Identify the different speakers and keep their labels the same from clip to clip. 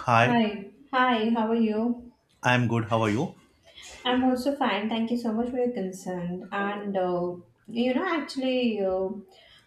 Speaker 1: Hi,
Speaker 2: Hi, hi, how are you?
Speaker 1: I'm good. How are you?
Speaker 2: I'm also fine. Thank you so much for your concern. And you know, actually,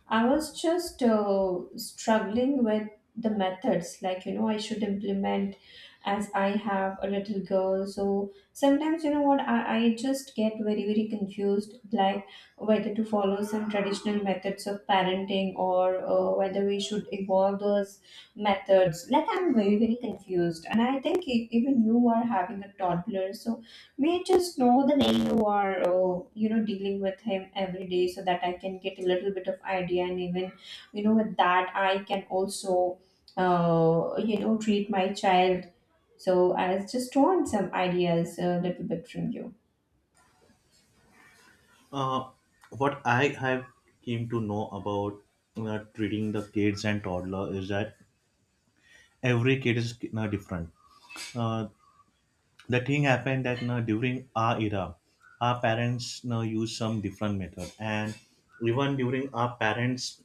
Speaker 2: I was just struggling with the methods. Like you know, I should implement as I have a little girl. So sometimes you know what I just get very very confused, like whether to follow some traditional methods of parenting or whether we should evolve those methods. Like I'm very very confused, and I think even you are having a toddler, so. May just know the name you are, dealing with him every day, so that I can get a little bit of idea, and with that I can also, treat my child. So I was just want some ideas a little bit from you.
Speaker 1: Uh, what I have came to know about treating the kids and toddler is that every kid is different. Uh, the thing happened that during our era, our parents used some different method, and even during our parents'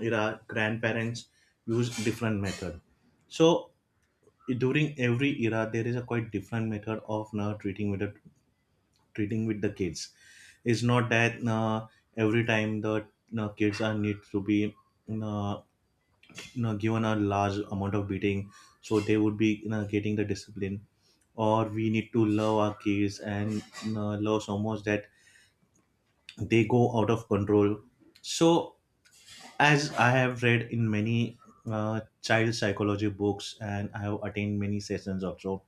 Speaker 1: era, grandparents used different method. So during every era, there is a quite different method of treating with the kids. It's not that every time the kids are need to be uh, given a large amount of beating so they would be getting the discipline, or we need to love our kids and love so much that they go out of control. So as I have read in many child psychology books, and I have attained many sessions also,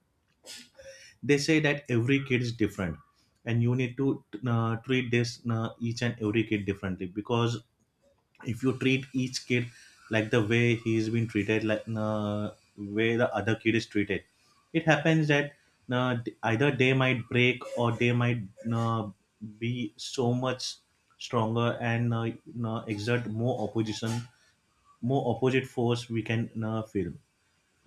Speaker 1: they say that every kid is different, and you need to treat this each and every kid differently, because if you treat each kid like the way he's been treated, like way the other kid is treated, it happens that uh, either they might break or they might uh, be so much stronger and exert more opposition, more opposite force we can feel.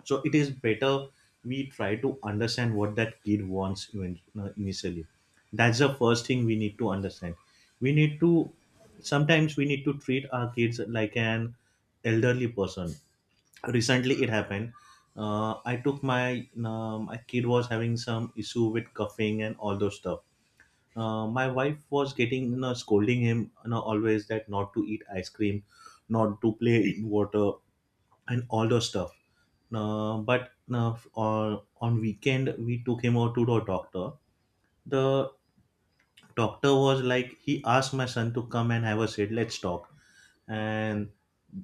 Speaker 1: So it is better we try to understand what that kid wants, even initially. That's the first thing we need to understand. We need to, sometimes we need to treat our kids like an elderly person. Recently it happened, I took my, my kid was having some issue with coughing and all those stuff. My wife was getting, you know, scolding him, you know, always that not to eat ice cream, not to play in water and all those stuff. On weekend we took him out to the doctor. The doctor was like, he asked my son to come and have a sit. Let's talk. And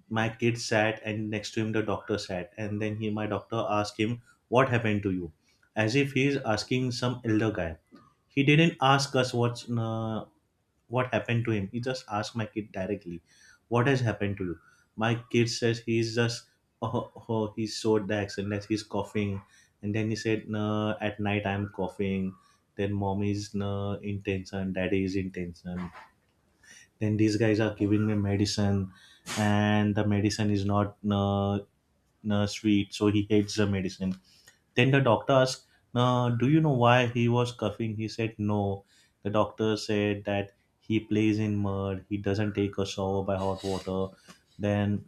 Speaker 1: my kid sat, and next to him the doctor sat. And then he, my doctor, asked him, what happened to you, as if he's asking some elder guy. He didn't ask us what's what happened to him. He just asked my kid directly, what has happened to you? My kid says he's just, oh he showed the accident, that he's coughing. And then he said, no, at night I'm coughing. Then mom is, no, in tension, daddy is in tension. Then these guys are giving me medicine and the medicine is not, no, no sweet. So he hates the medicine. Then the doctor asked, do you know why he was coughing? He said, no. The doctor said that he plays in mud, he doesn't take a shower by hot water. Then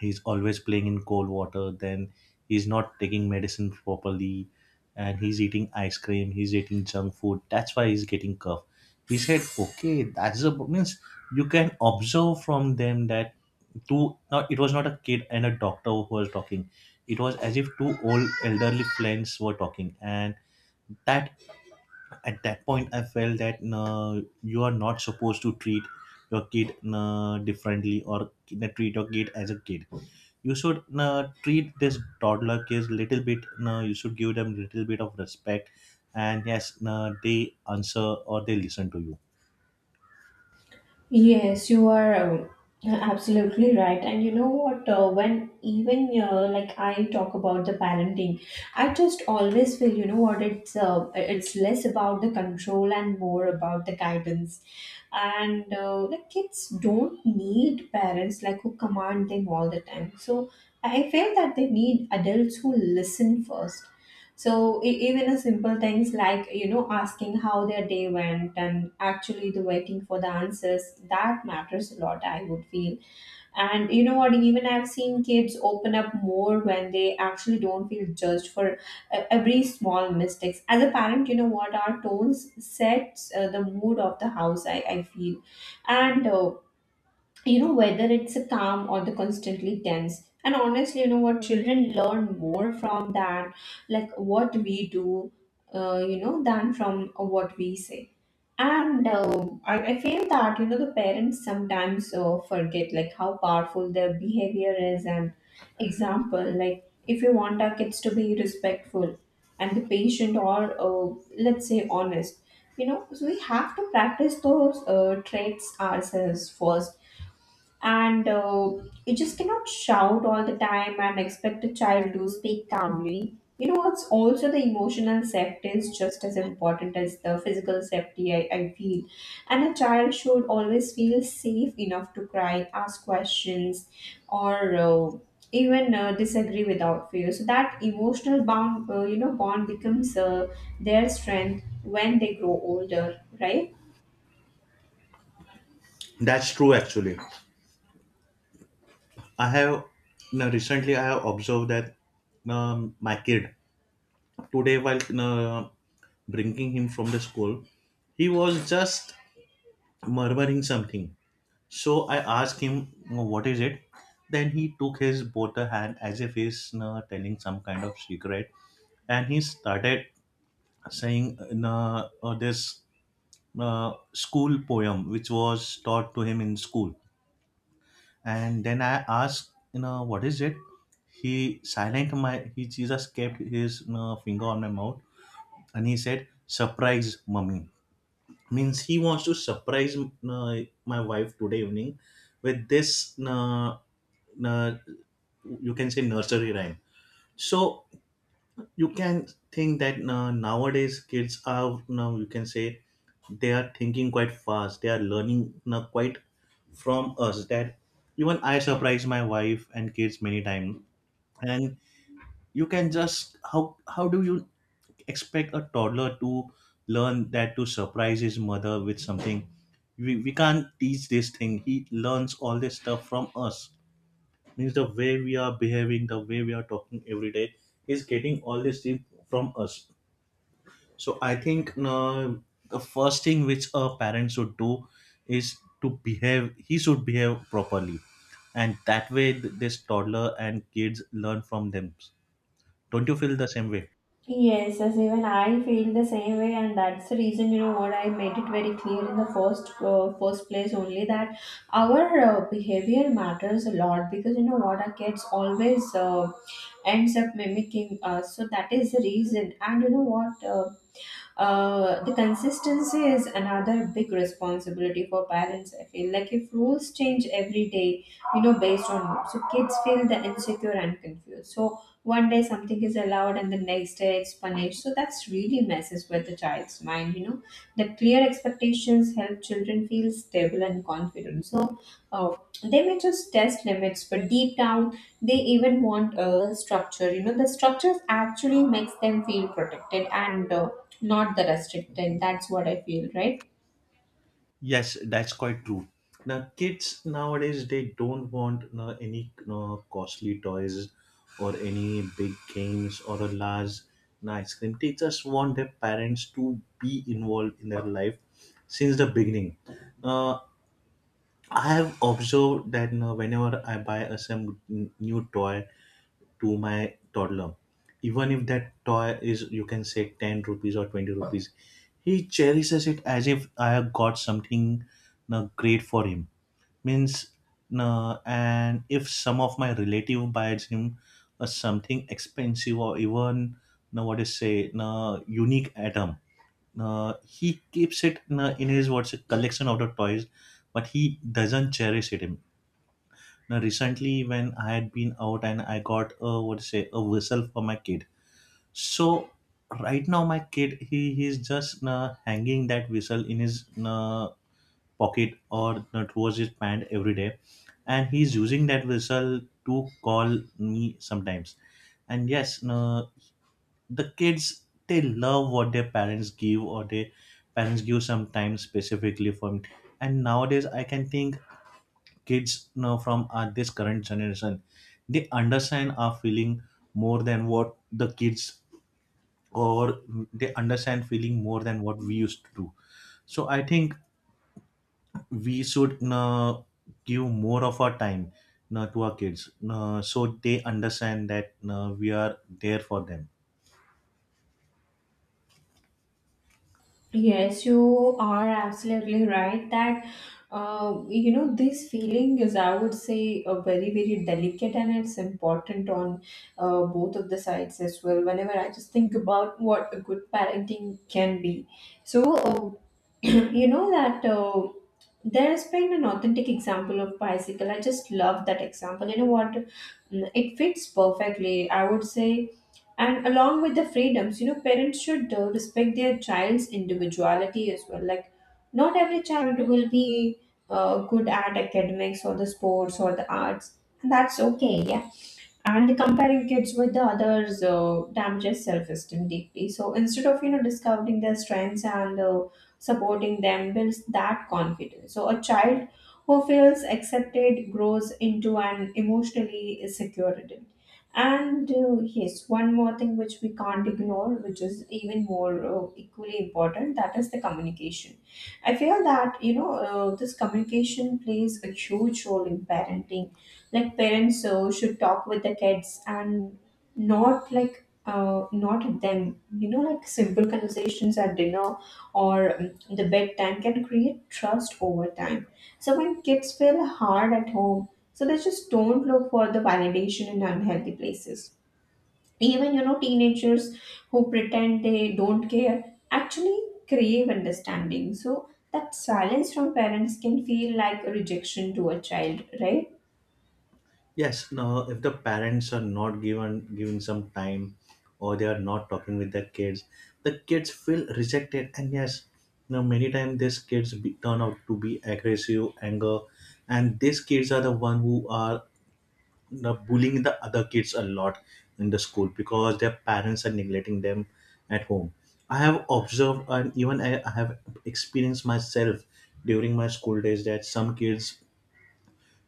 Speaker 1: he's always playing in cold water, then he's not taking medicine properly, and he's eating ice cream, he's eating junk food. That's why he's getting cough. He said, okay, that's a means you can observe from them that two not, it was not a kid and a doctor who was talking, it was as if two old elderly friends were talking. And that, at that point I felt that, no, you are not supposed to treat your kid, no, differently, or, no, treat your kid as a kid. You should, no, treat this toddler kids little bit, no, you should give them little bit of respect, and yes, no, they answer or they listen to you.
Speaker 2: Yes, you are absolutely right. And you know what? When even like I talk about the parenting, I just always feel you know what it's less about the control and more about the guidance. And like kids don't need parents like who command them all the time, so I feel that they need adults who listen first. So even a simple things like, you know, asking how their day went and actually the waiting for the answers, that matters a lot, I would feel. And you know what? Even I've seen kids open up more when they actually don't feel judged for every small mistakes. As a parent, you know what? Our tones sets the mood of the house, I feel, and you know, whether it's a calm or the constantly tense. And honestly, you know what? Children learn more from that, like what we do, than from what we say. And I feel that, you know, the parents sometimes forget like how powerful their behavior is and example. Like if you want our kids to be respectful and the patient or let's say honest, you know, so we have to practice those traits ourselves first, and you just cannot shout all the time and expect a child to speak calmly. You know, it's also the emotional safety is just as important as the physical safety, I feel. And a child should always feel safe enough to cry, ask questions, or even disagree without fear, so that emotional bond you know bond becomes their strength when they grow older, right?
Speaker 1: That's true, actually. I have, no, recently I have observed that, my kid today while, no, bringing him from the school, he was just murmuring something. So I asked him, what is it? Then he took his both the hand as if he's telling some kind of secret, and he started saying this school poem which was taught to him in school. And then I asked, you know, what is it? He silent my, he just kept his finger on my mouth and he said, surprise mummy. Means he wants to surprise my wife today evening with this. Uh, you can say nursery rhyme. So you can think that nowadays kids are, now you can say they are thinking quite fast, they are learning now quite from us. That even I surprise my wife and kids many times, and you can just, how do you expect a toddler to learn that, to surprise his mother with something? We can't teach this thing. He learns all this stuff from us. Means the way we are behaving, the way we are talking every day, is getting all this thing from us. So I think the first thing which a parent should do is to behave, he should behave properly, and that way this toddler and kids learn from them. Don't you feel the same way?
Speaker 2: Yes, as even I feel the same way, and that's the reason, you know what, I made it very clear in the first place only that our behavior matters a lot, because you know what, our kids always ends up mimicking us, so that is the reason. And you know what. The consistency is another big responsibility for parents. I feel like if rules change every day, you know, based on mood, so kids feel the insecure and confused. So one day something is allowed and the next day it's punished. So that's really messes with the child's mind. You know, the clear expectations help children feel stable and confident. So uh, they may just test limits, but deep down they even want a structure. You know, the structures actually makes them feel protected and not the restricted, that's what I feel, right?
Speaker 1: Yes, that's quite true. Now, kids nowadays they don't want, no, any, no, costly toys or any big games or a large, no, ice cream. They just want their parents to be involved in their life since the beginning. Uh, I have observed that, no, whenever I buy a some new toy to my toddler, even if that toy is, you can say, 10 rupees or 20 rupees, he cherishes it as if I have got something great for him. Means and if some of my relative buys him something expensive, or even what is say unique item, he keeps it in his what's a collection of the toys, but he doesn't cherish it. Now, recently when I had been out, and I got a, what to say, a whistle for my kid. So right now my kid, he's just hanging that whistle in his uh, pocket, or towards his pant every day, and he's using that whistle to call me sometimes. And yes, the kids they love what their parents give, or their parents give sometimes specifically for me. And nowadays I can think kids now from this current generation, they understand our feeling more than what the kids, or they understand feeling more than what we used to do. So I think we should give more of our time to our kids, so they understand that we are there for them.
Speaker 2: Yes, you are absolutely right that you know, this feeling is, I would say, a very very delicate, and it's important on both of the sides as well. Whenever I just think about what a good parenting can be, so uh, you know that there's been an authentic example of bicycle, I just love that example, you know what. Mm, it fits perfectly, I would say. And along with the freedoms, you know, parents should respect their child's individuality as well. Like not every child will be good at academics or the sports or the arts, and that's okay, yeah. And comparing kids with the others damages self-esteem deeply, so instead of, you know, discovering their strengths and supporting them builds that confidence. So a child who feels accepted grows into an emotionally secure adult. And yes, one more thing which we can't ignore, which is even more equally important, that is the communication. I feel that, you know, this communication plays a huge role in parenting. Like parents so should talk with the kids and not like not at them, you know, like simple conversations at dinner or the bedtime, can create trust over time. So when kids feel hard at home, so they just don't look for the validation in unhealthy places. Even, you know, teenagers who pretend they don't care actually crave understanding, so that silence from parents can feel like a rejection to a child, right?
Speaker 1: Yes, now if the parents are not given some time, or they are not talking with their kids, the kids feel rejected. And yes, now many times these kids be, turn out to be aggressive, anger, and these kids are the one who are, you know, bullying the other kids a lot in the school, because their parents are neglecting them at home. I have observed, and even I have experienced myself during my school days that some kids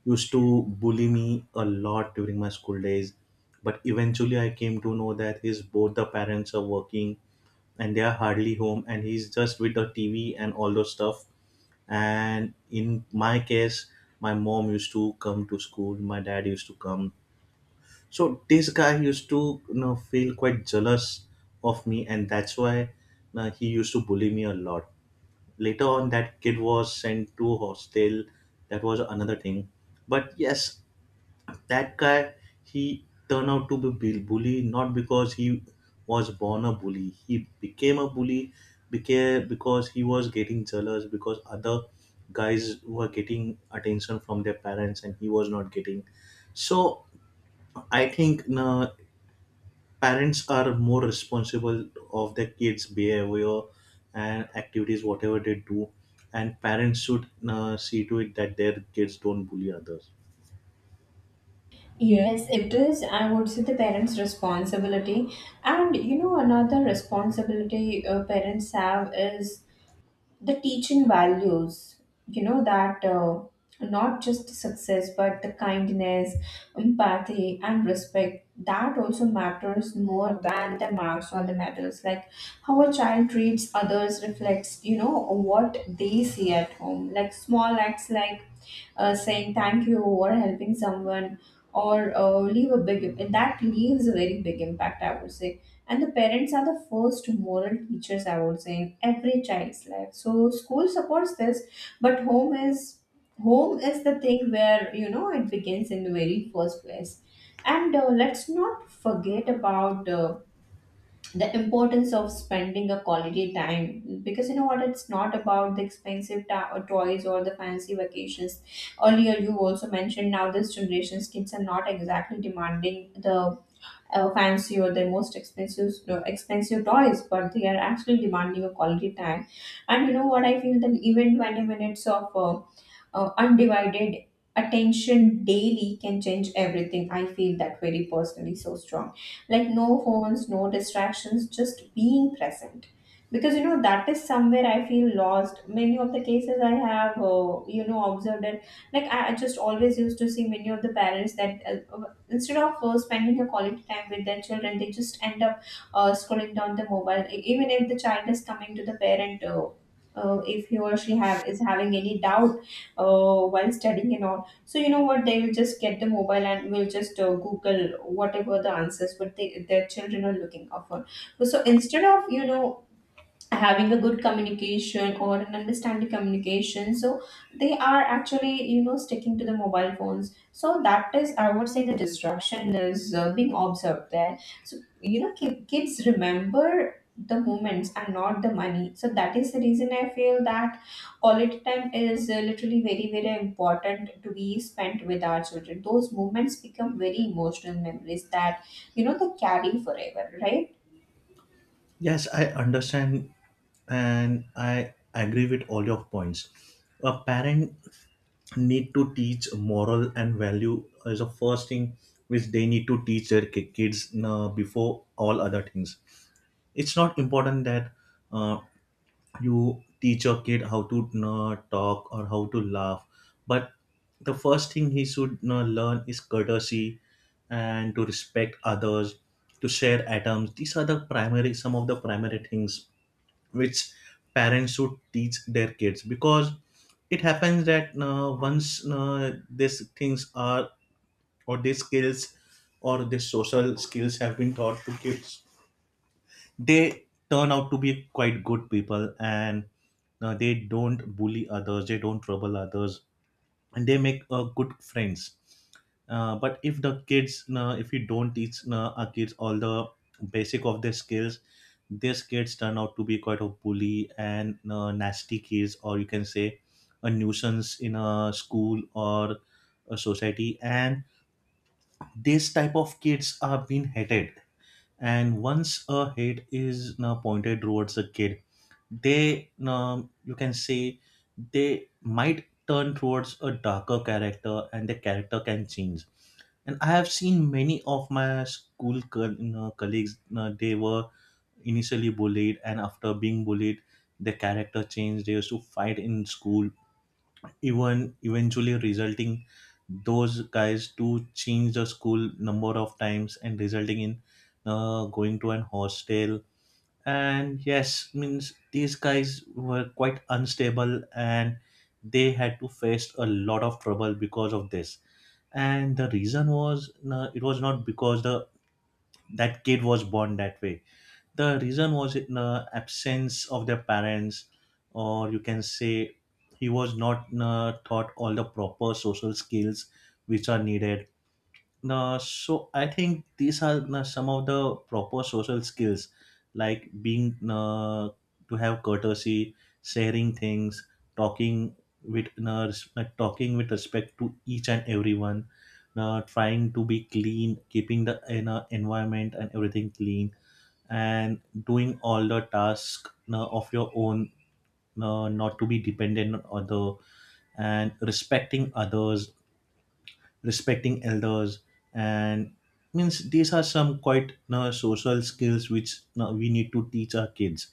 Speaker 1: used to bully me a lot during my school days. But eventually, I came to know that his both the parents are working and they are hardly home, and he's just with the TV and all those stuff. And in my case, my mom used to come to school, my dad used to come. So this guy used to, you know, feel quite jealous of me, and that's why he used to bully me a lot. Later on, that kid was sent to hostel. That was another thing, but yes, that guy, he turned out to be bully, not because he was born a bully, he became a bully because he was getting jealous, because other guys were getting attention from their parents and he was not getting. So I think parents are more responsible of their kids behavior and activities, whatever they do, and parents should see to it that their kids don't bully others.
Speaker 2: Yes, it is. I would say the parents' responsibility. And you know, another responsibility parents have is the teaching values, you know, that not just success, but the kindness, empathy, and respect. That also matters more than the marks or the medals. Like how a child treats others reflects, you know, what they see at home. Like small acts like saying thank you or helping someone or leave a big im- that leaves a very big impact, I would say. And the parents are the first moral teachers, I would say, in every child's life. So school supports this, but home is the thing where, you know, it begins in the very first place. And let's not forget about the importance of spending a quality time, because you know what, it's not about the or toys or the fancy vacations. Earlier you also mentioned now this generation's kids are not exactly demanding the fancy or the most expensive, no, expensive toys, but they are actually demanding a quality time. And you know what, I feel that even 20 minutes of undivided attention daily can change everything, I feel that very personally so strong. Like no phones, no distractions, just being present, because you know that is somewhere I feel lost many of the cases I have, observed it. Like I just always used to see many of the parents that instead of spending a quality time with their children, they just end up scrolling down the mobile. Even if the child is coming to the parent, if he or she have is having any doubt while studying and all. So you know what? They will just get the mobile and will just Google whatever the answers what their children are looking up for. So instead of, you know, having a good communication or an understanding communication, so they are actually, you know, sticking to the mobile phones, so that is, I would say, the distraction is being observed there. So you know, kids remember the moments and not the money. So that is the reason I feel that quality time is literally very very important to be spent with our children. Those moments become very emotional memories that, you know, they carry forever, right?
Speaker 1: Yes, I understand and I agree with all your points. A parent need to teach moral and value is the first thing which they need to teach their kids before all other things. It's not important that uh, you teach your kid how to talk or how to laugh, but the first thing he should learn is courtesy and to respect others, to share atoms. These are the primary, some of the primary things which parents should teach their kids, because it happens that once these things are, or these skills, or these social skills have been taught to kids, they turn out to be quite good people, and they don't bully others, they don't trouble others, and they make good friends. But if the kids, if we don't teach our kids all the basic of their skills, these kids turn out to be quite a bully and nasty kids, or you can say a nuisance in a school or a society. And this type of kids are being hated, and once a hate is you pointed towards a kid, they you you can say they might turn towards a darker character, and the character can change. And I have seen many of my school co- you colleagues you they were initially bullied, and after being bullied their character changed. They used to fight in school, even eventually resulting those guys to change the school number of times, and resulting in going to an hostel. And yes, means these guys were quite unstable, and they had to face a lot of trouble because of this. And the reason was no, it was not because the that kid was born that way. The reason was in the absence of their parents, or you can say he was not taught all the proper social skills which are needed. So I think these are some of the proper social skills, like being to have courtesy, sharing things, talking with respect, talking with respect to each and everyone, trying to be clean, keeping the environment and everything clean, and doing all the tasks of your own, not to be dependent on other, and respecting others, respecting elders, and means these are some quite, you know, social skills which, you know, we need to teach our kids.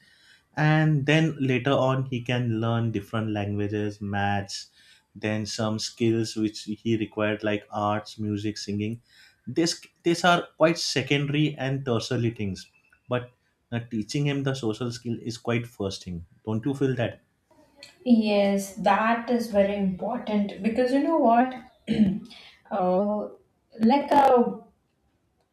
Speaker 1: And then later on he can learn different languages, maths, then some skills which he required like arts, music, singing. This these are quite secondary and tertiary things, but teaching him the social skill is quite first thing. Don't you feel that?
Speaker 2: Yes, that is very important because you know what? Uh, like uh,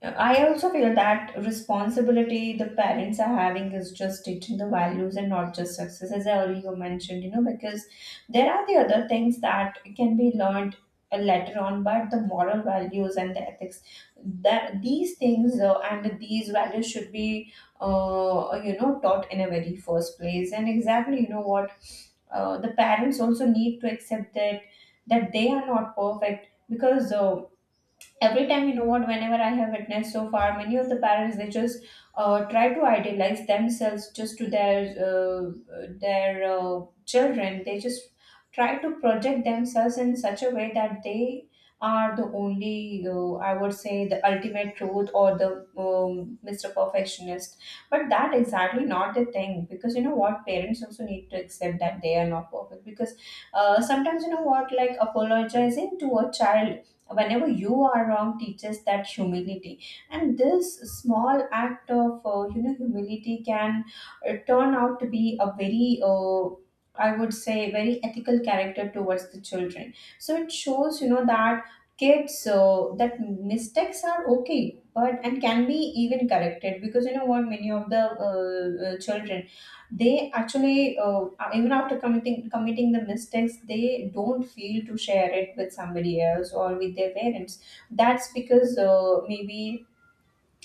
Speaker 2: I also feel that responsibility the parents are having is just teaching the values and not just success, as I already mentioned, you know, because there are the other things that can be learned later on, but the moral values and the ethics, that these things and these values should be, taught in a very first place. And exactly, you know what? The parents also need to accept that they are not perfect because every time you know what whenever I have witnessed so far, many of the parents, they just try to idealize themselves just to their uh, their uh, children. They just try to project themselves in such a way that they are the only, I would say, the ultimate truth or the um, Mr. Perfectionist. But that exactly not the thing, because you know what, parents also need to accept that they are not perfect, because sometimes, you know what, like, apologizing to a child whenever you are wrong teaches that humility. And this small act of humility can turn out to be a very, I would say, very ethical character towards the children. So it shows, you know, that kids, that mistakes are okay but and can be even corrected, because you know what, many of the children, they actually, even after committing the mistakes, they don't feel to share it with somebody else or with their parents. That's because maybe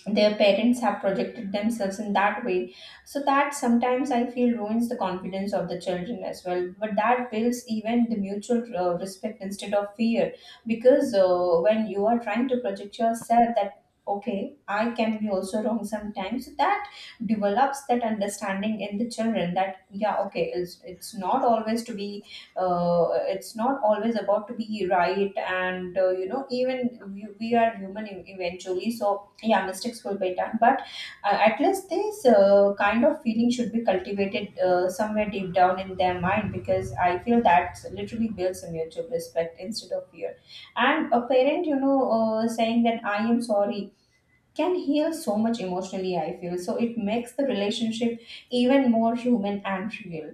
Speaker 2: their parents have projected themselves in that way, so that sometimes I feel ruins the confidence of the children as well. But that builds even the mutual respect instead of fear, because when you are trying to project yourself that okay, I can be also wrong sometimes, that develops that understanding in the children that, yeah, okay, it's not always to be, uh, it's not always about to be right. And even we are human eventually. So yeah, mistakes will be done, but at least this kind of feeling should be cultivated somewhere deep down in their mind, because I feel that literally builds a mutual respect instead of fear. And a parent, you know, saying that I am sorry can heal so much emotionally, I feel. So it makes the relationship even more human and real.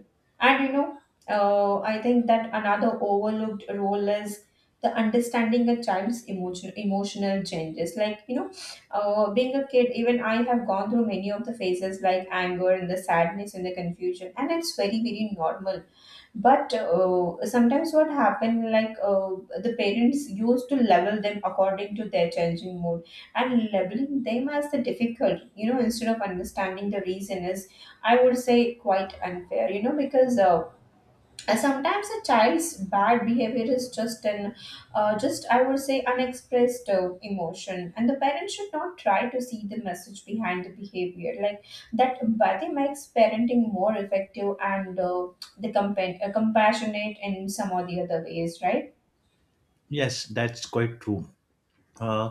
Speaker 2: And you know, I think that another overlooked role is the understanding a child's emotional changes. Like, you know, being a kid, even I have gone through many of the phases like anger and the sadness and the confusion, and it's very, very normal. But sometimes what happened, like, the parents used to level them according to their changing mood and labeling them as the difficult, you know, instead of understanding the reason, is, I would say, quite unfair. You know, because and sometimes a child's bad behavior is just an, just, I would say, unexpressed emotion, and the parents should not try to see the message behind the behavior. Like, that empathy makes parenting more effective and the compassionate in some or the other ways, right?
Speaker 1: Yes, that's quite true. uh,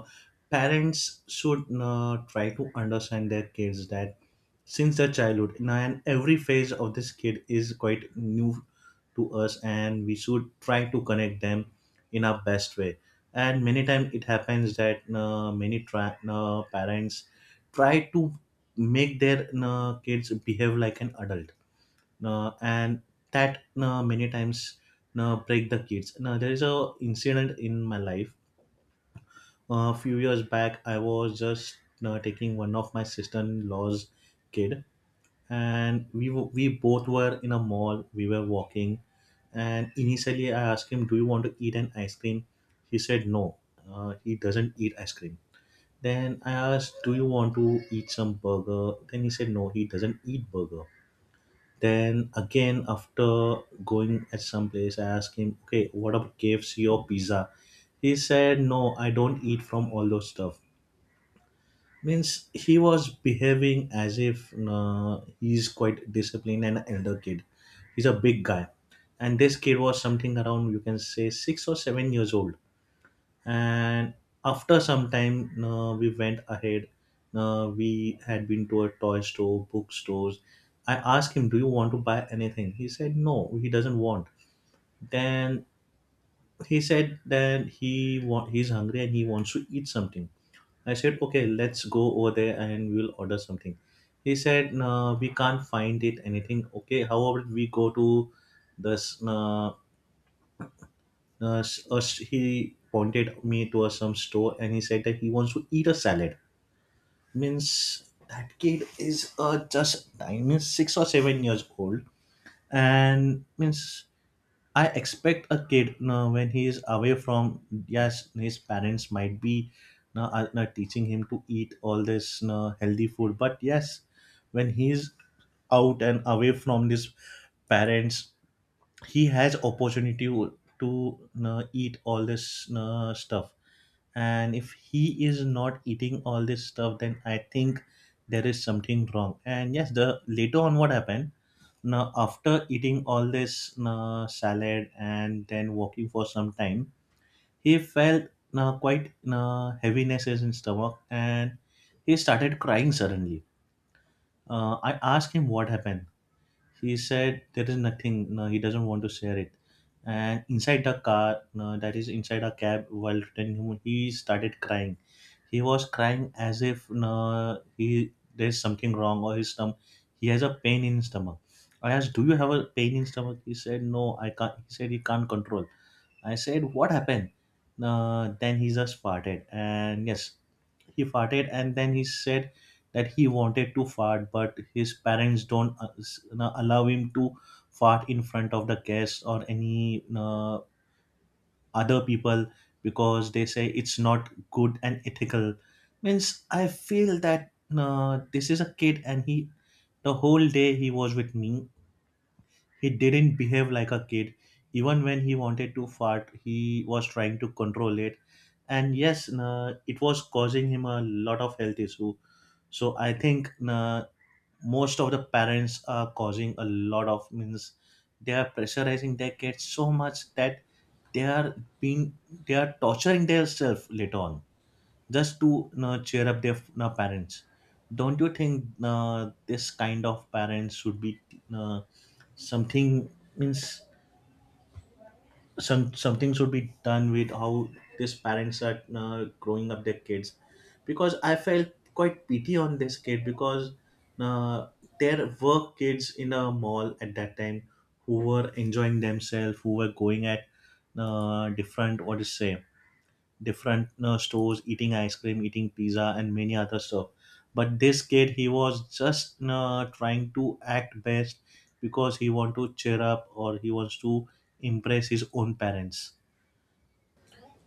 Speaker 1: Parents should try to understand their kids, that since their childhood now, and every phase of this kid is quite new to us, and we should try to connect them in our best way. And many times it happens that many parents try to make their kids behave like an adult, and that many times break the kids. Now there is a incident in my life. A few years back I was just taking one of my sister-in-law's kid, and we both were in a mall, we were walking. And initially I asked him, do you want to eat an ice cream? He said no, he doesn't eat ice cream. Then I asked, do you want to eat some burger? Then he said no, he doesn't eat burger. Then again after going at some place I asked him, okay, what about KFC or pizza? He said, no, I don't eat from all those stuff. Means he was behaving as if he's quite disciplined and elder kid. He's a big guy, and this kid was something around you can say 6 or 7 years old. And after some time, we went ahead. We had been to a toy store, bookstores. I asked him, "Do you want to buy anything?" He said, "No, he doesn't want." Then he said that he's hungry and he wants to eat something. I said, okay, let's go over there and we'll order something. He said, no, we can't find it, anything. Okay, however, we go to this, he pointed me to a, some store, and he said that he wants to eat a salad. Means that kid is just, I mean, 6 or 7 years old. And means I expect a kid now when he is away from, yes, his parents might be now are not teaching him to eat all this now healthy food, but yes, when he is out and away from his parents, he has opportunity to eat all this stuff. And if he is not eating all this stuff, then I think there is something wrong. And yes, the later on what happened, now after eating all this salad and then walking for some time, he felt quite heaviness in his stomach, and he started crying suddenly. I asked him what happened. He said there is nothing, no, he doesn't want to share it. And inside the car, no, that is inside a cab while returning, he started crying. He was crying as if no, he there's something wrong or his stomach, he has a pain in his stomach. I asked, do you have a pain in stomach? He said no, I can't, he said he can't control. I said, what happened? Then he just farted. And yes, he farted. And then he said that he wanted to fart, but his parents don't s- you allow him to fart in front of the guests or any other people, because they say it's not good and ethical. Means I feel that this is a kid, and he the whole day he was with me, he didn't behave like a kid. Even when he wanted to fart, he was trying to control it. And yes, nah, it was causing him a lot of health issue. So I think nah, most of the parents are causing a lot of means they are pressurizing their kids so much that they are being they are torturing themselves later on, just to you cheer up their you parents. Don't you think this kind of parents should be uh, something, means some something should be done with how these parents are growing up their kids? Because I felt quite pity on this kid, because uh, there were kids in a mall at that time who were enjoying themselves, who were going at different, what to say, different stores, eating ice cream, eating pizza, and many other stuff. But this kid, he was just trying to act best, because he want to cheer up, or he wants to impress his own parents.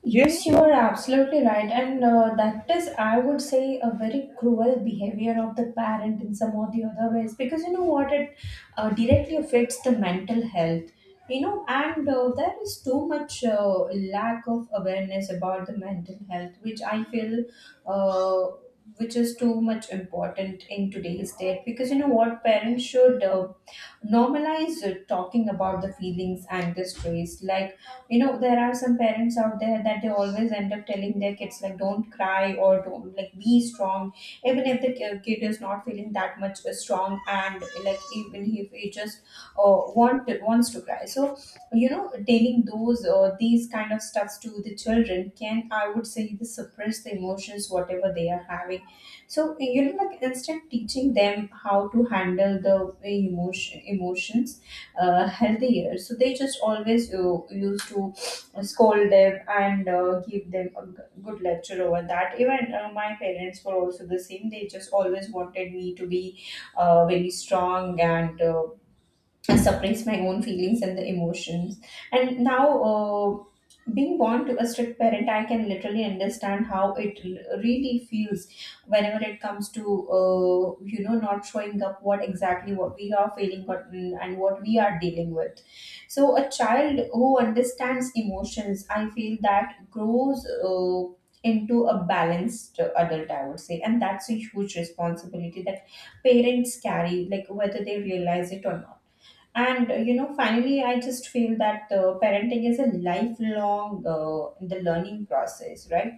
Speaker 2: Yes, you are absolutely right. And that is, I would say, a very cruel behavior of the parent in some or the other ways, because you know what, it directly affects the mental health, you know. And there is too much lack of awareness about the mental health, which I feel, uh, which is too much important in today's date, because you know what, parents should normalize talking about the feelings and the stress. Like, you know, there are some parents out there that they always end up telling their kids like, don't cry, or don't, like, be strong, even if the kid is not feeling that much strong, and like, even if he just wants to cry. So you know, telling those, these kind of stuffs to the children can, I would say, the suppress the emotions whatever they are having. So you know, like, instead teaching them how to handle the emotions healthier, so they just always used to scold them and give them a good lecture over that. Even my parents were also the same. They just always wanted me to be very strong, and I suppress my own feelings and the emotions. And now, being born to a strict parent, I can literally understand how it really feels whenever it comes to, you know, not showing up what exactly what we are feeling, or and what we are dealing with. So, a child who understands emotions, I feel that grows Uh, into a balanced adult, I would say. And that's a huge responsibility that parents carry, like whether they realize it or not. And you know, finally, I just feel that parenting is a lifelong the learning process, right?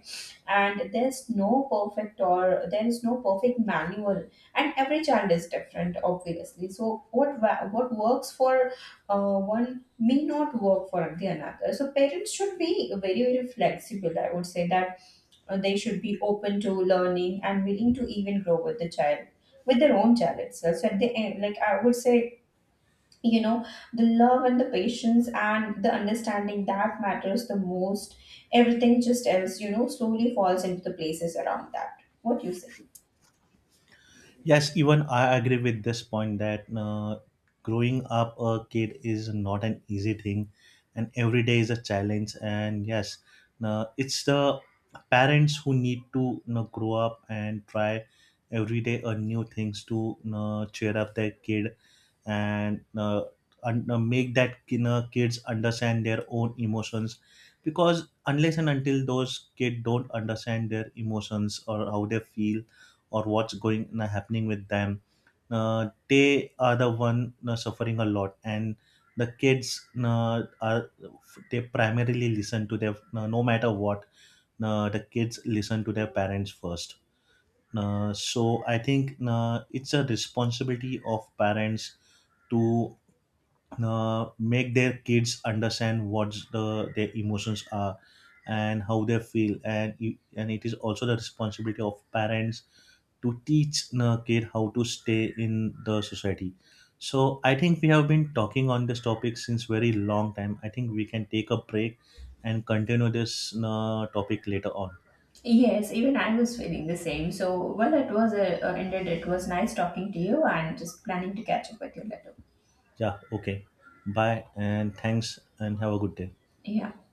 Speaker 2: And there's no perfect, or there is no perfect manual, and every child is different, obviously. So what what works for one may not work for the another. So parents should be very, very flexible, I would say. That they should be open to learning and willing to even grow with the child, with their own child itself. So at the end, like, I would say, you know, the love and the patience and the understanding, that matters the most. Everything just else, you know, slowly falls into the places around that, what you say.
Speaker 1: Yes, even I agree with this point that growing up a kid is not an easy thing, and every day is a challenge. And yes, it's the parents who need to, you know, grow up and try every day a new things to, you know, cheer up their kid, and make that, you know, kids understand their own emotions. Because unless and until those kids don't understand their emotions, or how they feel, or what's going happening with them, they are the one suffering a lot. And the kids are they primarily listen to their no matter what, the kids listen to their parents first. So I think it's a responsibility of parents to make their kids understand what the their emotions are, and how they feel and you, and it is also the responsibility of parents to teach the kid how to stay in the society. So I think we have been talking on this topic since very long time. I think we can take a break and continue this topic later on.
Speaker 2: Yes, even I was feeling the same. So, well, it was ended. It was nice talking to you, and just planning to catch up with you later.
Speaker 1: Yeah, okay, bye, and thanks, and have a good day.
Speaker 2: Yeah.